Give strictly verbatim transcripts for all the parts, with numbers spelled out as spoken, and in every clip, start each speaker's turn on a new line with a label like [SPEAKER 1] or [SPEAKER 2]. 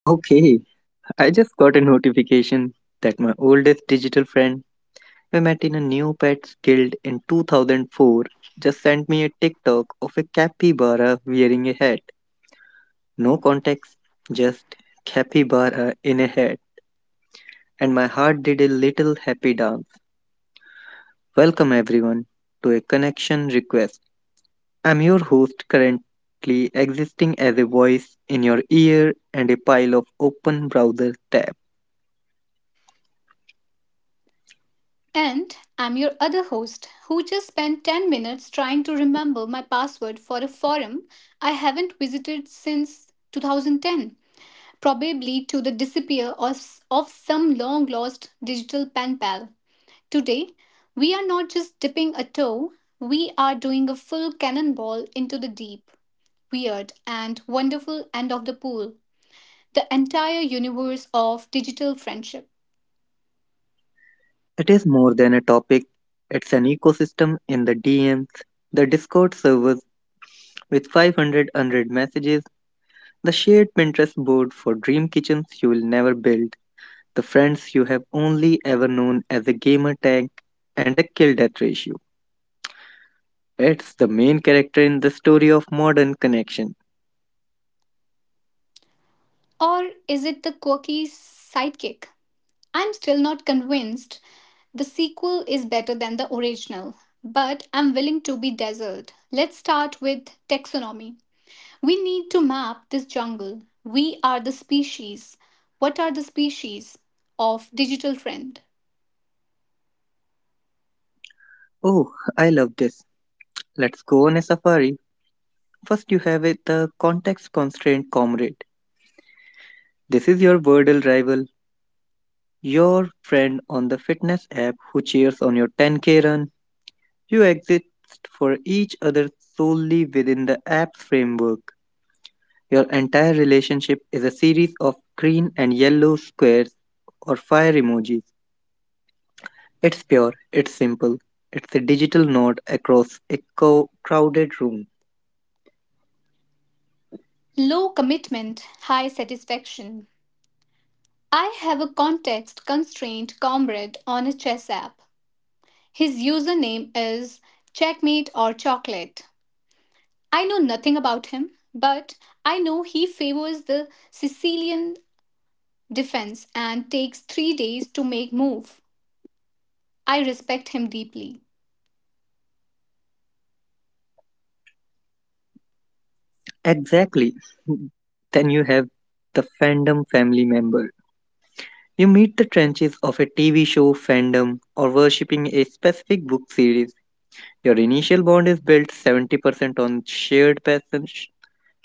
[SPEAKER 1] Okay, I just got a notification that my oldest digital friend we met in a Neopets Guild in two thousand four just sent me a TikTok of a capybara wearing a hat. No context, just capybara in a hat. And my heart did a little happy dance. Welcome everyone to a connection request. I'm your host currently existing as a voice in your ear and a pile of open browser tabs.
[SPEAKER 2] And I'm your other host who just spent ten minutes trying to remember my password for a forum I haven't visited since two thousand ten, probably to the disappear of, of some long lost digital pen pal. Today, we are not just dipping a toe, we are doing a full cannonball into the deep, weird, and wonderful end of the pool, the entire universe of digital friendship.
[SPEAKER 1] It is more than a topic, it's an ecosystem in the D Ms, the Discord servers with five hundred unread messages, the shared Pinterest board for dream kitchens you will never build, the friends you have only ever known as a gamer tag, and a kill death ratio. It's the main character in the story of modern connection.
[SPEAKER 2] Or is it the quirky sidekick? I'm still not convinced the sequel is better than the original, but I'm willing to be dazzled. Let's start with taxonomy. We need to map this jungle. We are the species. What are the species of digital trend?
[SPEAKER 1] Oh, I love this. Let's go on a safari. First, you have it the context constraint comrade. This is your Wordle rival. Your friend on the fitness app who cheers on your ten k run, you exist for each other solely within the app's framework. Your entire relationship is a series of green and yellow squares or fire emojis. It's pure, it's simple, it's a digital node across a co- crowded room.
[SPEAKER 2] Low commitment, high satisfaction. I have a context constrained comrade on a chess app. His username is checkmate or chocolate. I know nothing about him, but I know he favors the Sicilian defense and takes three days to make move. I respect him deeply.
[SPEAKER 1] Exactly. Then you have the fandom family member. You meet the trenches of a T V show, fandom, or worshipping a specific book series. Your initial bond is built seventy percent on shared passion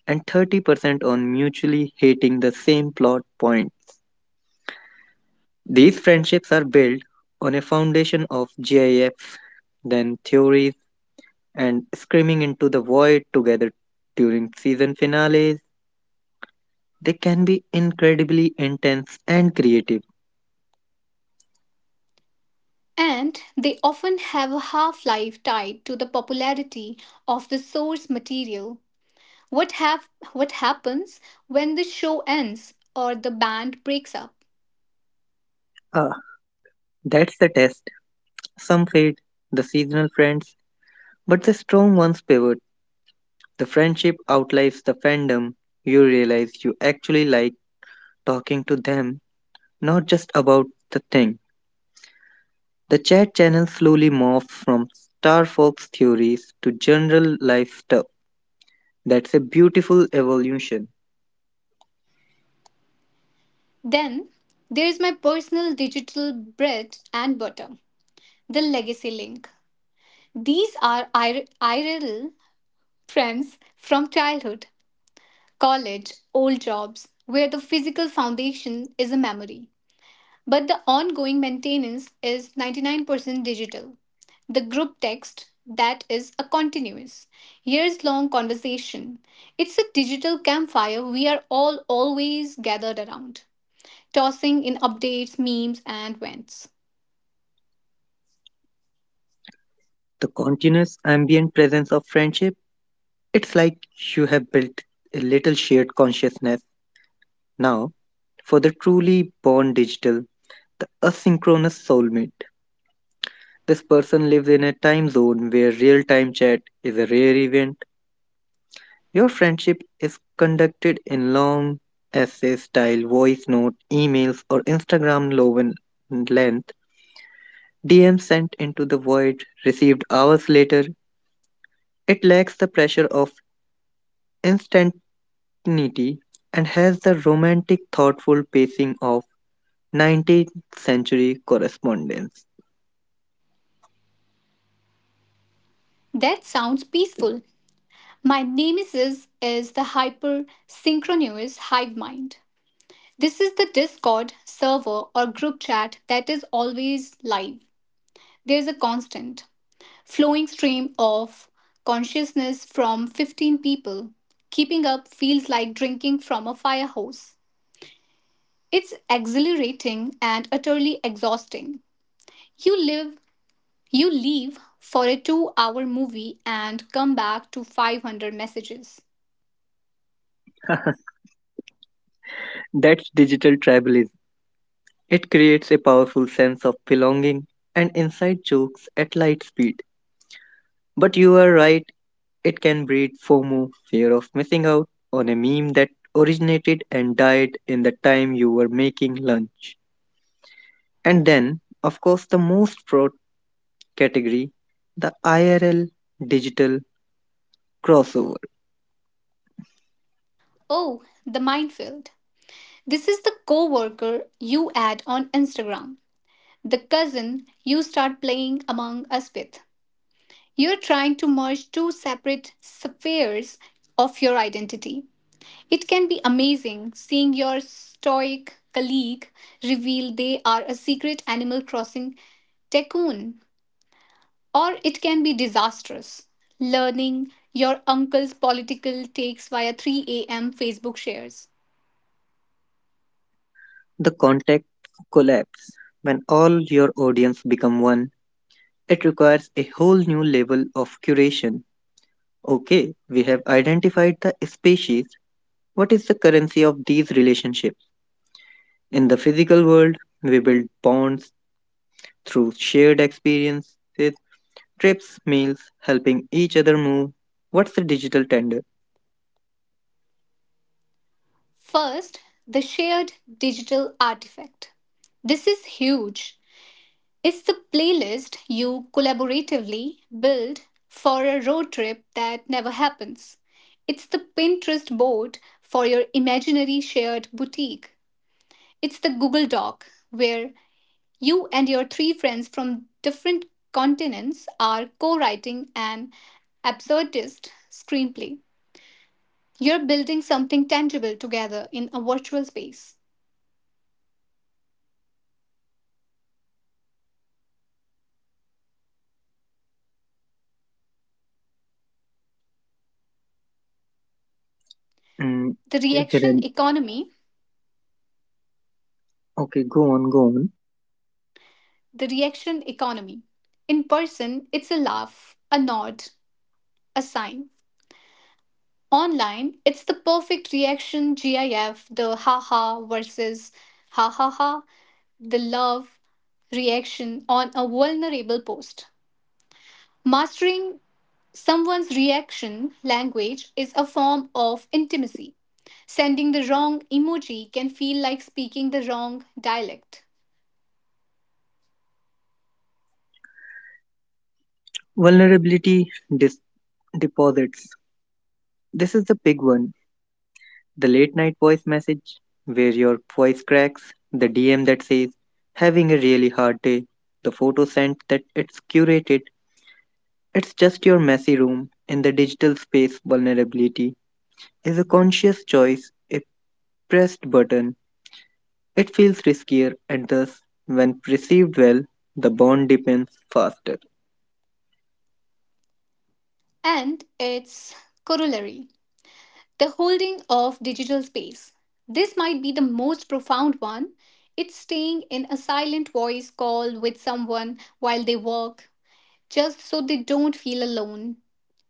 [SPEAKER 1] and thirty percent on mutually hating the same plot point. These friendships are built on a foundation of GIFs, then theories, and screaming into the void together during season finales. They can be incredibly intense and creative.
[SPEAKER 2] And they often have a half life tied to the popularity of the source material. What, have, what happens when the show ends or the band breaks up?
[SPEAKER 1] Ah, that's the test. Some fade, the seasonal friends, but the strong ones pivot. The friendship outlives the fandom. You realize you actually like talking to them, not just about the thing. The chat channel slowly morphs from Star Fox theories to general life stuff. That's a beautiful evolution.
[SPEAKER 2] Then there's my personal digital bread and butter, the legacy link. These are ir- I R L friends from childhood, college, old jobs, where the physical foundation is a memory. But the ongoing maintenance is ninety-nine percent digital. The group text, that is a continuous, years long conversation. It's a digital campfire we are all always gathered around, tossing in updates, memes, and vents.
[SPEAKER 1] The continuous ambient presence of friendship, it's like you have built a little shared consciousness now for the truly born digital, the asynchronous soulmate. This person lives in a time zone where real time chat is a rare event. Your friendship is conducted in long essay style voice note, emails, or Instagram loven length. D M sent into the void, received hours later. It lacks the pressure of instantaneity and has the romantic, thoughtful pacing of nineteenth century correspondence.
[SPEAKER 2] That sounds peaceful. My nemesis is the hyper synchronous hive mind. This is the Discord server or group chat that is always live. There's a constant flowing stream of consciousness from fifteen people. Keeping up feels like drinking from a fire hose. It's exhilarating and utterly exhausting. You live you leave for a two-hour movie and come back to five hundred messages.
[SPEAKER 1] That's digital tribalism. It creates a powerful sense of belonging and inside jokes at light speed. But you are right, it can breed FOMO, fear of missing out, on a meme that originated and died in the time you were making lunch. And then, of course, the most pro- category, the I R L digital crossover,
[SPEAKER 2] Oh, the minefield. This is the coworker you add on Instagram, the cousin you start playing among us with. You're trying to merge two separate spheres of your identity. It can be amazing seeing your stoic colleague reveal they are a secret Animal Crossing tycoon, or it can be disastrous. Learning your uncle's political takes via three a m. Facebook shares.
[SPEAKER 1] the context collapse. When all your audience become one, it requires a whole new level of curation. Okay, we have identified the species. What is the currency of these relationships? In the physical world, we build bonds through shared experiences, trips, meals, helping each other move. What's the digital tender?
[SPEAKER 2] First, the shared digital artifact. This is huge. It's the playlist you collaboratively build for a road trip that never happens. It's the Pinterest board for your imaginary shared boutique. It's the Google Doc where you and your three friends from different continents are co writing an absurdist screenplay. You're building something tangible together in a virtual space.
[SPEAKER 1] Mm,
[SPEAKER 2] The
[SPEAKER 1] is there
[SPEAKER 2] reaction
[SPEAKER 1] an-
[SPEAKER 2] economy
[SPEAKER 1] okay, go on, go on.
[SPEAKER 2] the reaction economy. In person, it's a laugh, a nod, a sign. Online, it's the perfect reaction GIF, the haha versus ha ha ha, the love reaction on a vulnerable post. Mastering someone's reaction language is a form of intimacy. Sending the wrong emoji can feel like speaking the wrong dialect.
[SPEAKER 1] Vulnerability dis- deposits. This is the big one. The late night voice message where your voice cracks, the D M that says, having a really hard day, the photo sent that it's curated, it's just your messy room in the digital space. Vulnerability is a conscious choice, a pressed button. It feels riskier, and thus, when perceived well, the bond deepens faster.
[SPEAKER 2] And its corollary, the holding of digital space. This might be the most profound one. It's staying in a silent voice call with someone while they work, just so they don't feel alone.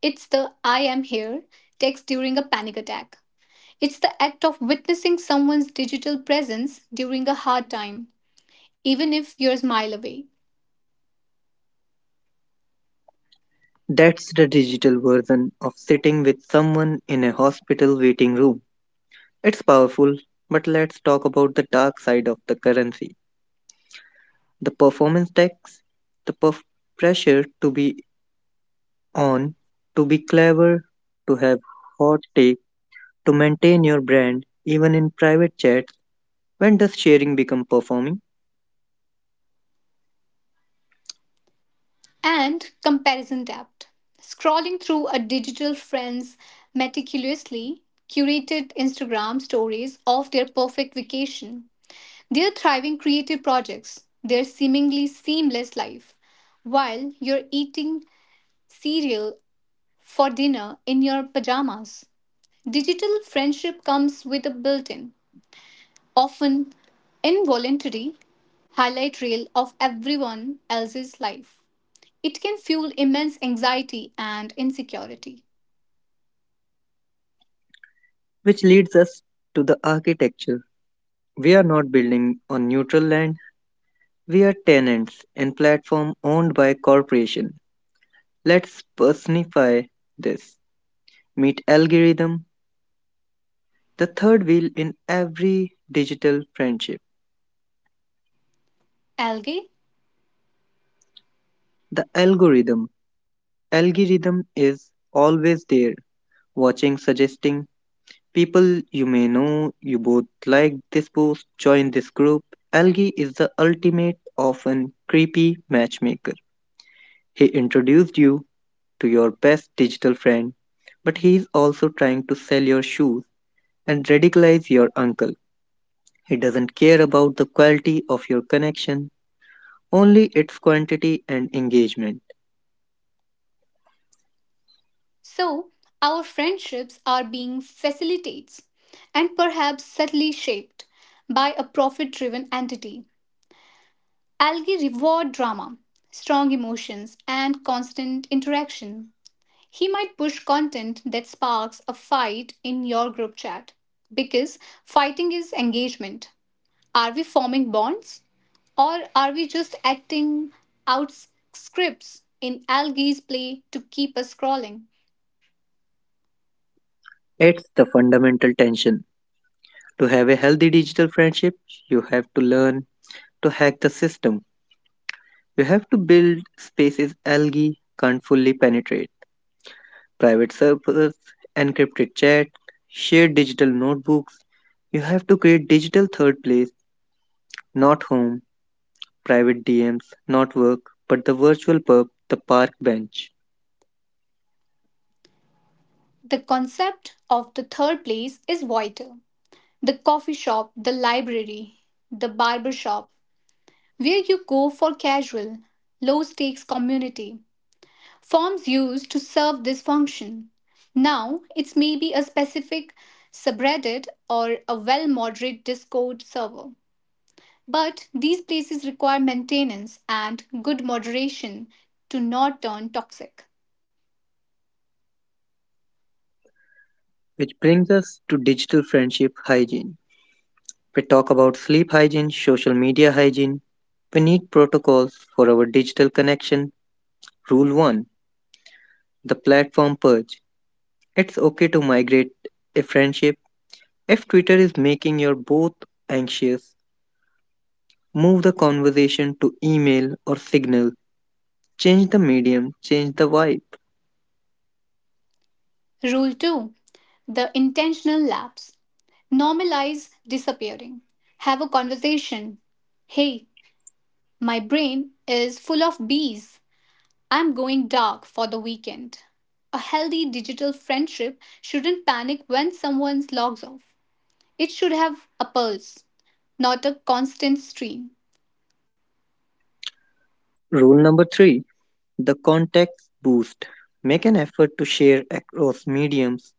[SPEAKER 2] It's the I am here text during a panic attack. It's the act of witnessing someone's digital presence during a hard time, even if you're a mile away.
[SPEAKER 1] That's the digital version of sitting with someone in a hospital waiting room. It's powerful, but let's talk about the dark side of the currency, the performance tax, the perf- pressure to be on, to be clever, to have hot take, to maintain your brand, even in private chats. When does sharing become performing?
[SPEAKER 2] And comparison debt. Scrolling through a digital friend's meticulously curated Instagram stories of their perfect vacation, their thriving creative projects, their seemingly seamless life, while you're eating cereal for dinner in your pajamas. Digital friendship comes with a built in, often involuntary highlight reel of everyone else's life. It can fuel immense anxiety and insecurity.
[SPEAKER 1] Which leads us to the architecture. We are not building on neutral land, we are tenants in platform owned by corporation. Let's personify this. Meet algorithm, the third wheel in every digital friendship,
[SPEAKER 2] Algae?
[SPEAKER 1] the algorithm. Algorithm is always there, watching, suggesting people you may know, you both like this post, join this group. Algae is the ultimate, often creepy matchmaker. He introduced you to your best digital friend, but he is also trying to sell your shoes and radicalize your uncle. He doesn't care about the quality of your connection, only its quantity and engagement.
[SPEAKER 2] So, our friendships are being facilitated, and perhaps subtly shaped by a profit driven entity. Algae reward drama, strong emotions, and constant interaction. He might push content that sparks a fight in your group chat because fighting is engagement. Are we forming bonds? Or are we just acting out scripts in Algie's play to keep us scrolling?
[SPEAKER 1] It's the fundamental tension. To have a healthy digital friendship, you have to learn to hack the system. You have to build spaces algae can't fully penetrate, private servers, encrypted chat, shared digital notebooks. You have to create digital third place, not home, private D Ms, not work, but the virtual pub, the park bench.
[SPEAKER 2] The concept of the third place is vital. The coffee shop, the library, the barber shop, where you go for casual, low stakes community. Forms used to serve this function. Now it's maybe a specific subreddit or a well moderated Discord server. But these places require maintenance and good moderation to not turn toxic.
[SPEAKER 1] Which brings us to digital friendship hygiene. We talk about sleep hygiene, social media hygiene. We need protocols for our digital connection. Rule one, the platform purge. It's okay to migrate a friendship. If Twitter is making you both anxious, move the conversation to email or signal. Change the medium, change the vibe.
[SPEAKER 2] Rule two, the intentional lapse. Normalize disappearing. Have a conversation. Hey, my brain is full of bees. I'm going dark for the weekend. A healthy digital friendship shouldn't panic when someone logs off. It should have a pulse, not a constant stream.
[SPEAKER 1] Rule number three, the context boost. Make an effort to share across mediums.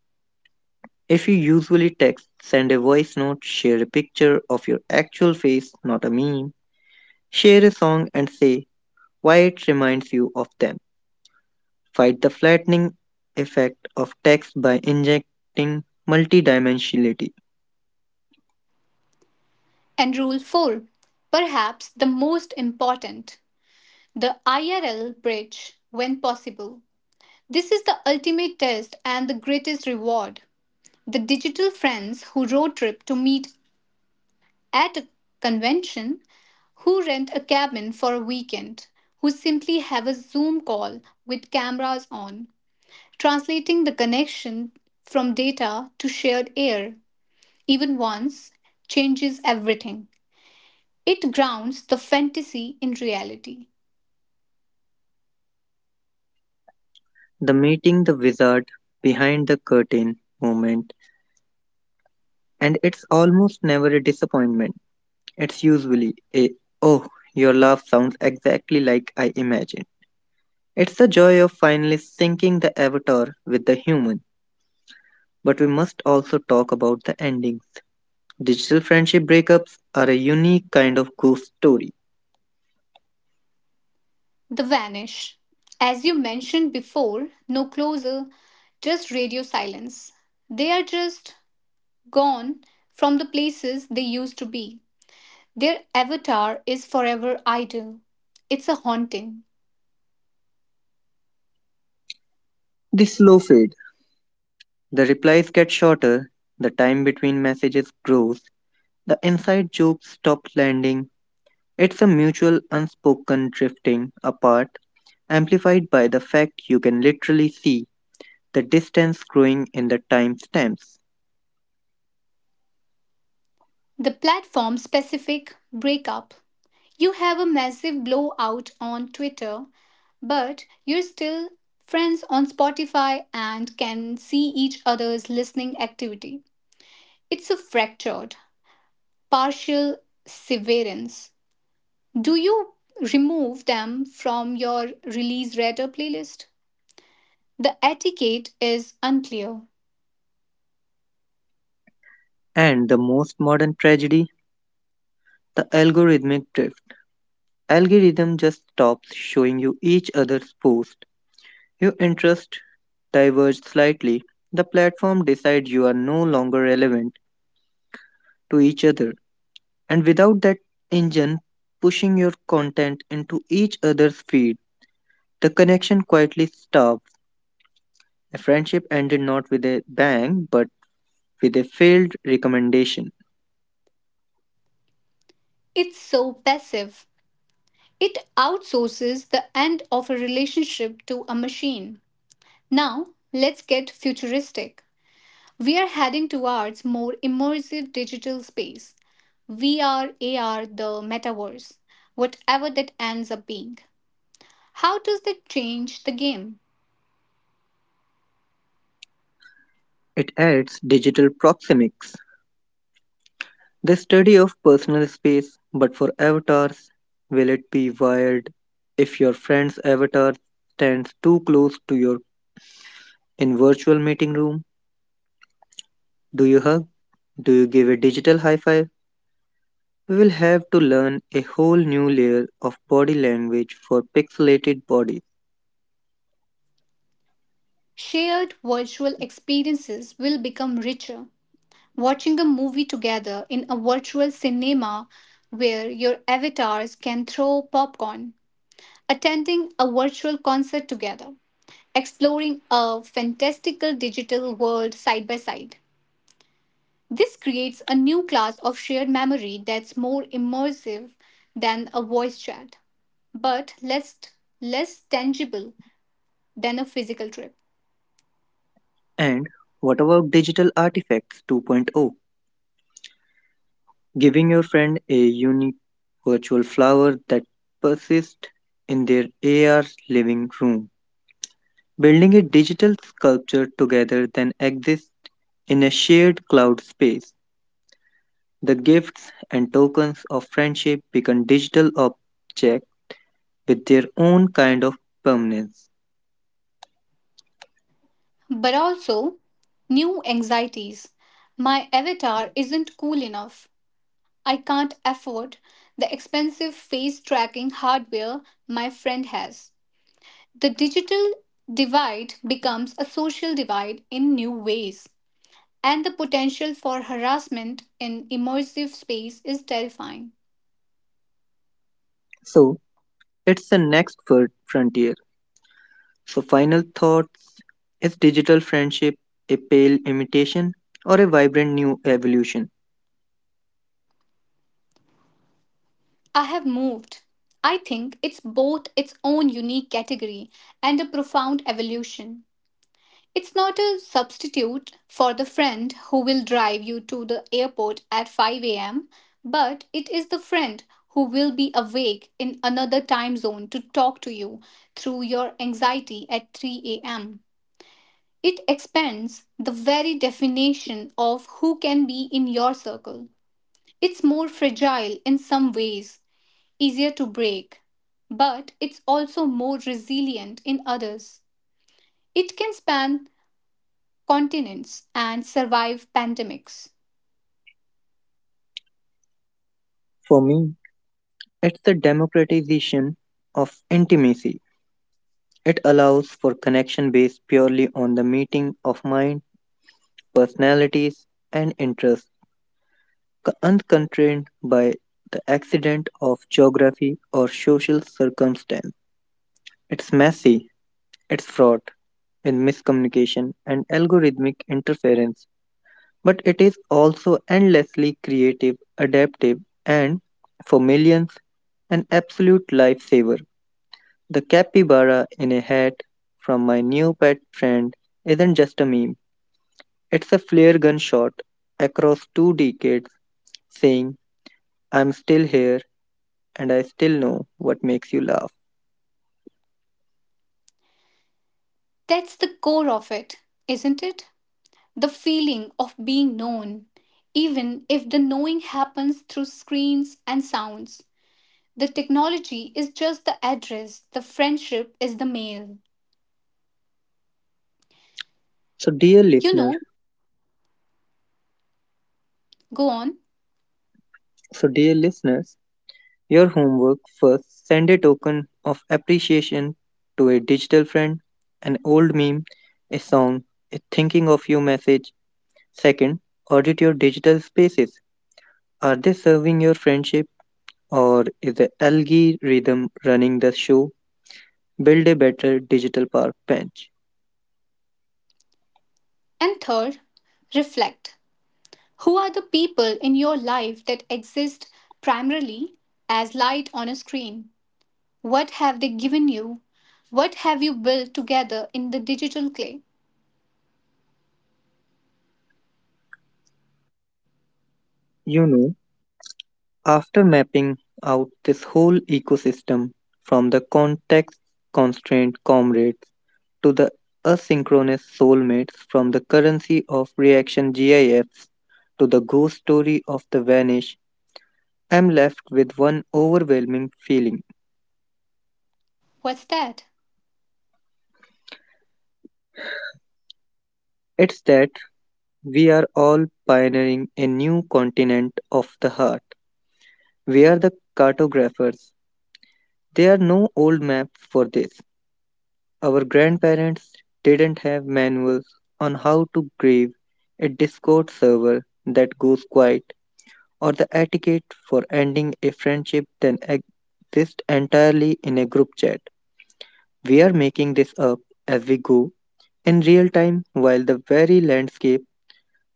[SPEAKER 1] If you usually text, send a voice note, share a picture of your actual face, not a meme, share a song and say why it reminds you of them. Fight the flattening effect of text by injecting multidimensionality.
[SPEAKER 2] And rule four, perhaps the most important, the I R L bridge when possible. This is the ultimate test and the greatest reward. The digital friends who road trip to meet at a convention, who rent a cabin for a weekend, who simply have a Zoom call with cameras on, translating the connection from data to shared air, even once, changes everything. It grounds the fantasy in reality.
[SPEAKER 1] The meeting the wizard behind the curtain moment, and it's almost never a disappointment. It's usually a, oh, your laugh sounds exactly like I imagined. It's the joy of finally syncing the avatar with the human. But we must also talk about the ending. Digital friendship breakups are a unique kind of ghost story.
[SPEAKER 2] The vanish. As you mentioned before, no closer, just radio silence. They are just gone from the places they used to be. Their avatar is forever idle. It's a haunting.
[SPEAKER 1] The slow fade. The replies get shorter, the time between messages grows, the inside jokes stop landing. It's a mutual unspoken drifting apart, amplified by the fact you can literally see the distance growing in the timestamps.
[SPEAKER 2] The platform specific breakup. You have a massive blowout on Twitter, but you're still friends on Spotify and can see each other's listening activity. It's a fractured, partial severance. Do you remove them from your release radar playlist? The etiquette is unclear.
[SPEAKER 1] And the most modern tragedy, the algorithmic drift. Algorithm just stops showing you each other's post. Your interests diverge slightly. The platform decides you are no longer relevant to each other. And without that engine pushing your content into each other's feed, the connection quietly starves. The friendship ended not with a bang, but with a failed recommendation.
[SPEAKER 2] It's so passive. It outsources the end of a relationship to a machine. Now, let's get futuristic. We are heading towards more immersive digital space. V R, A R, the metaverse, whatever that ends up being. How does that change the game?
[SPEAKER 1] It adds digital proxemics, the study of personal space. But for avatars, will it be wired if your friend's avatar stands too close to your in virtual meeting room? Do you hug? Do you give a digital high five? We will have to learn a whole new layer of body language for pixelated bodies.
[SPEAKER 2] Shared virtual experiences will become richer. Watching a movie together in a virtual cinema where your avatars can throw popcorn, attending a virtual concert together, exploring a fantastical digital world side by side. This creates a new class of shared memory that's more immersive than a voice chat, but less, less tangible than a physical trip.
[SPEAKER 1] And what about digital artifacts 2.0? Giving your friend a unique virtual flower that persists in their A R's living room. Building a digital sculpture together then exists in a shared cloud space. The gifts and tokens of friendship become digital objects with their own kind of permanence.
[SPEAKER 2] But also new anxieties. My avatar isn't cool enough. I can't afford the expensive face tracking hardware my friend has. The digital divide becomes a social divide in new ways, and the potential for harassment in immersive space is terrifying.
[SPEAKER 1] So, it's the next fir- frontier. So, final thoughts, is digital friendship a pale imitation or a vibrant new evolution?
[SPEAKER 2] I have moved. I think it's both its own unique category and a profound evolution. It's not a substitute for the friend who will drive you to the airport at five a m, but it is the friend who will be awake in another time zone to talk to you through your anxiety at three a m. It expands the very definition of who can be in your circle. It's more fragile in some ways, easier to break, but it's also more resilient in others. It can span continents, and survive pandemics.
[SPEAKER 1] For me, it's the democratization of intimacy. It allows for connection based purely on the meeting of mind, personalities, and interests, co- unconstrained by the accident of geography or social circumstance. It's messy, it's fraught with miscommunication and algorithmic interference, but it is also endlessly creative, adaptive, and for millions, an absolute lifesaver. The capybara in a hat from my new pet friend isn't just a meme, it's a flare gun shot across two decades saying, I'm still here and I still know what makes you laugh.
[SPEAKER 2] That's the core of it, isn't it? The feeling of being known, even if the knowing happens through screens and sounds. The technology is just the address, the friendship is the mail.
[SPEAKER 1] So, dear
[SPEAKER 2] You
[SPEAKER 1] listener,
[SPEAKER 2] know, Go on.
[SPEAKER 1] so dear listeners, your homework, first, send a token of appreciation to a digital friend, an old meme, a song, a thinking of you message. Second, audit your digital spaces. Are they serving your friendship? Or is the algorithm running the show? Build a better digital park bench.
[SPEAKER 2] And third, reflect. Who are the people in your life that exist primarily as light on a screen? What have they given you? What have you built together in the digital clay?
[SPEAKER 1] You know, after mapping out this whole ecosystem from the context constrained comrades to the asynchronous soulmates, from the currency of reaction GIFs to the ghost story of the vanish, I'm left with one overwhelming feeling.
[SPEAKER 2] What's that?
[SPEAKER 1] It's that we are all pioneering a new continent of the heart. We are the cartographers. There are no old maps for this. Our grandparents didn't have manuals on how to grieve a Discord server that goes quiet, or the etiquette for ending a friendship that exists entirely in a group chat. We are making this up as we go in real time while the very landscape,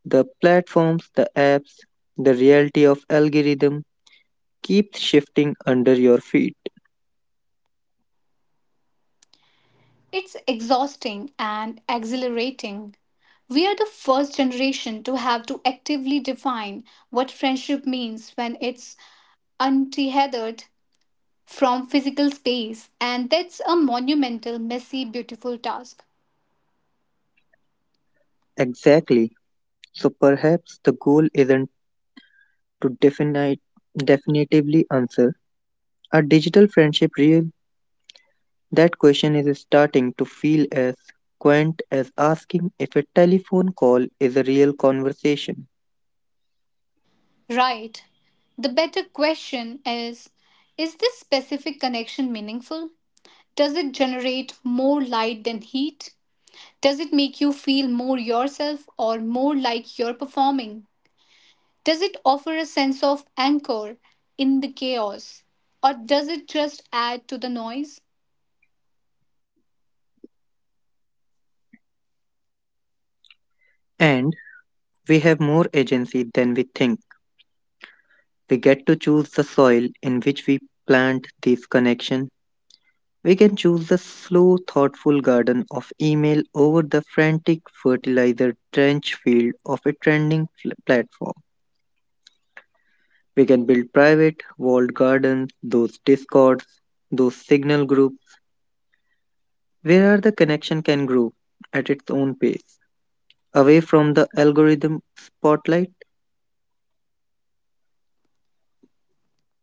[SPEAKER 1] the platforms, the apps, the reality of algorithm keeps shifting under your feet.
[SPEAKER 2] It's exhausting and exhilarating. We are the first generation to have to actively define what friendship means when it's untethered from physical space, and that's a monumental, messy, beautiful task.
[SPEAKER 1] Exactly. So perhaps the goal isn't to definite, definitively answer, are digital friendship real? That question is starting to feel as quaint as asking if a telephone call is a real conversation.
[SPEAKER 2] Right. The better question is Is this specific connection meaningful? Does it generate more light than heat? Does it make you feel more yourself or more like you're performing? Does it offer a sense of anchor in the chaos? Or does it just add to the noise?
[SPEAKER 1] And we have more agency than we think. We get to choose the soil in which we plant these connections. We can choose the slow, thoughtful garden of email over the frantic, fertilizer trench field of a trending fl- platform. We can build private, walled gardens, those discords, those signal groups, where the connection can grow at its own pace, away from the algorithm spotlight.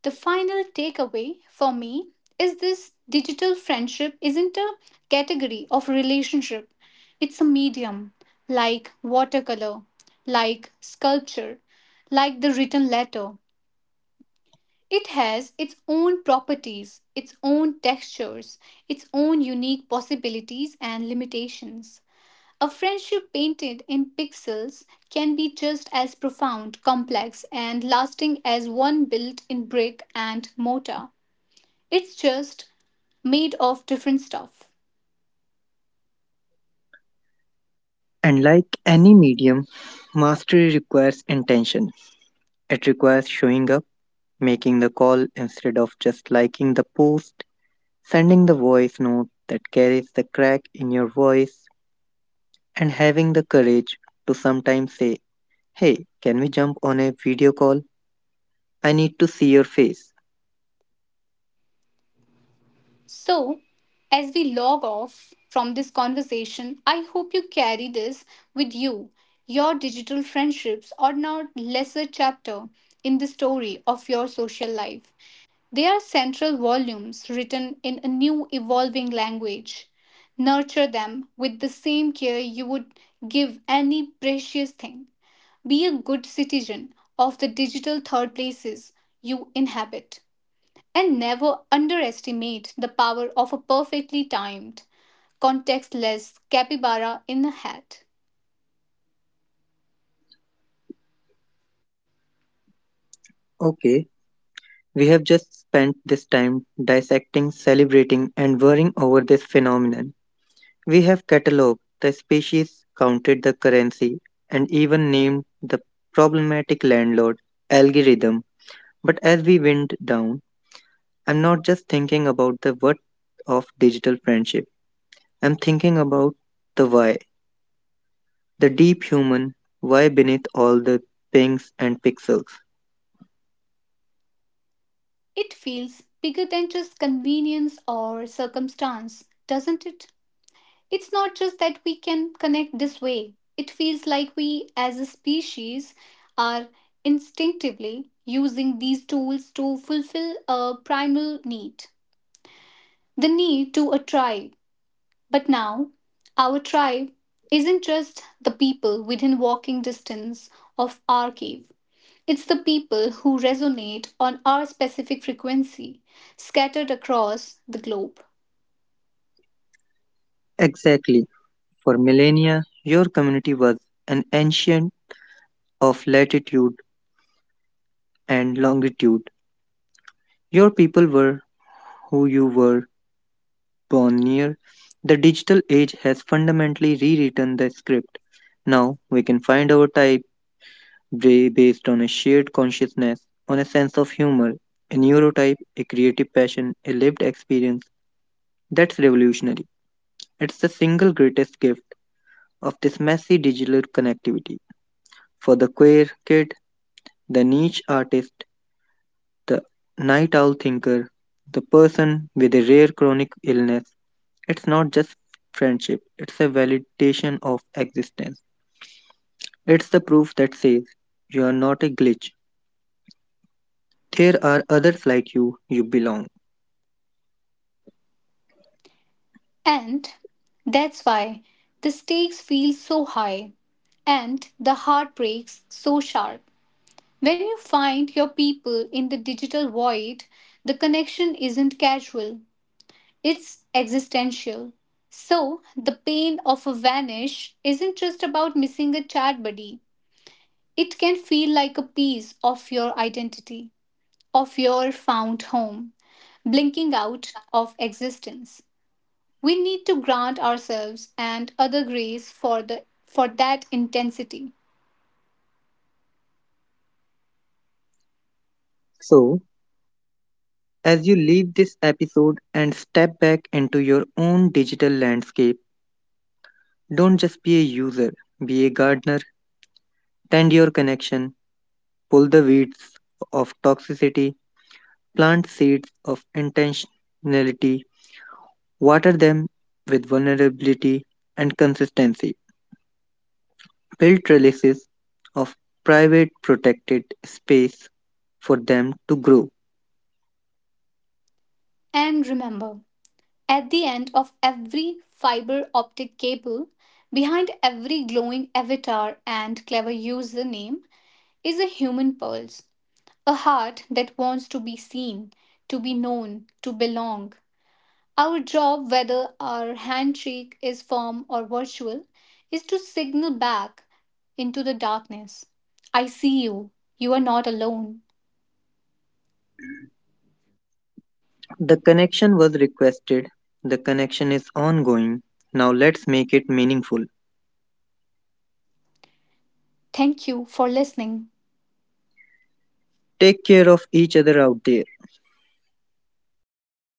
[SPEAKER 2] The final takeaway for me is this: digital friendship isn't a category of relationship, it's a medium, like watercolor, like sculpture, like the written letter. It has its own properties, its own textures, its own unique possibilities and limitations. A friendship painted in pixels can be just as profound, complex, and lasting as one built in brick and mortar. It's just made of different stuff.
[SPEAKER 1] And like any medium, mastery requires intention. It requires showing up, making the call instead of just liking the post, sending the voice note that carries the crack in your voice, and having the courage to sometimes say, hey, can we jump on a video call? I need to see your face.
[SPEAKER 2] So, as we log off from this conversation, I hope you carry this with you. Your digital friendships are not lesser chapter in the story of your social life. They are central volumes written in a new evolving language. Nurture them with the same care you would give any precious thing. Be a good citizen of the digital third places you inhabit. And never underestimate the power of a perfectly timed, contextless capybara in a hat.
[SPEAKER 1] Okay, we have just spent this time dissecting, celebrating, and worrying over this phenomenon. We have catalogued the species, counted the currency, and even named the problematic landlord algorithm. But as we wind down, I'm not just thinking about the what of digital friendship. I'm thinking about the why, the deep human why beneath all the pings and pixels.
[SPEAKER 2] It feels bigger than just convenience or circumstance, doesn't it? It's not just that we can connect this way, it feels like we as a species are instinctively using these tools to fulfill a primal need, the need to a tribe. But now, our tribe isn't just the people within walking distance of our cave. It's the people who resonate on our specific frequency scattered across the globe.
[SPEAKER 1] Exactly. For millennia, your community was an ancient of latitude and longitude. Your people were who you were born near. The digital age has fundamentally rewritten the script. Now we can find our type. Ray based on a shared consciousness, on a sense of humor, a neurotype, a creative passion, a lived experience. That's revolutionary. It's the single greatest gift of this messy digital connectivity. For the queer kid, the niche artist, the night owl thinker, the person with a rare chronic illness, it's not just friendship, it's a validation of existence. It's the proof that says you are not a glitch. There are others like you, you belong.
[SPEAKER 2] And that's why the stakes feel so high and the heartbreaks so sharp. When you find your people in the digital void, the connection isn't casual, it's existential. So, the pain of a vanish isn't just about missing a chat buddy. It can feel like a piece of your identity, of your found home, blinking out of existence. We need to grant ourselves and other grace for the for that intensity.
[SPEAKER 1] So, as you leave this episode and step back into your own digital landscape, don't just be a user, be a gardener, tend your connection, pull the weeds of toxicity, plant seeds of intentionality, water them with vulnerability and consistency, build trellises of private protected space for them to grow.
[SPEAKER 2] And remember, at the end of every fiber optic cable, behind every glowing avatar and clever username, is a human pulse, a heart that wants to be seen, to be known, to belong. Our job, whether our handshake is firm or virtual, is to signal back into the darkness: I see you. You are not alone.
[SPEAKER 1] The connection was requested, the connection is ongoing. Now let's make it meaningful.
[SPEAKER 2] Thank you for listening.
[SPEAKER 1] Take care of each other out there.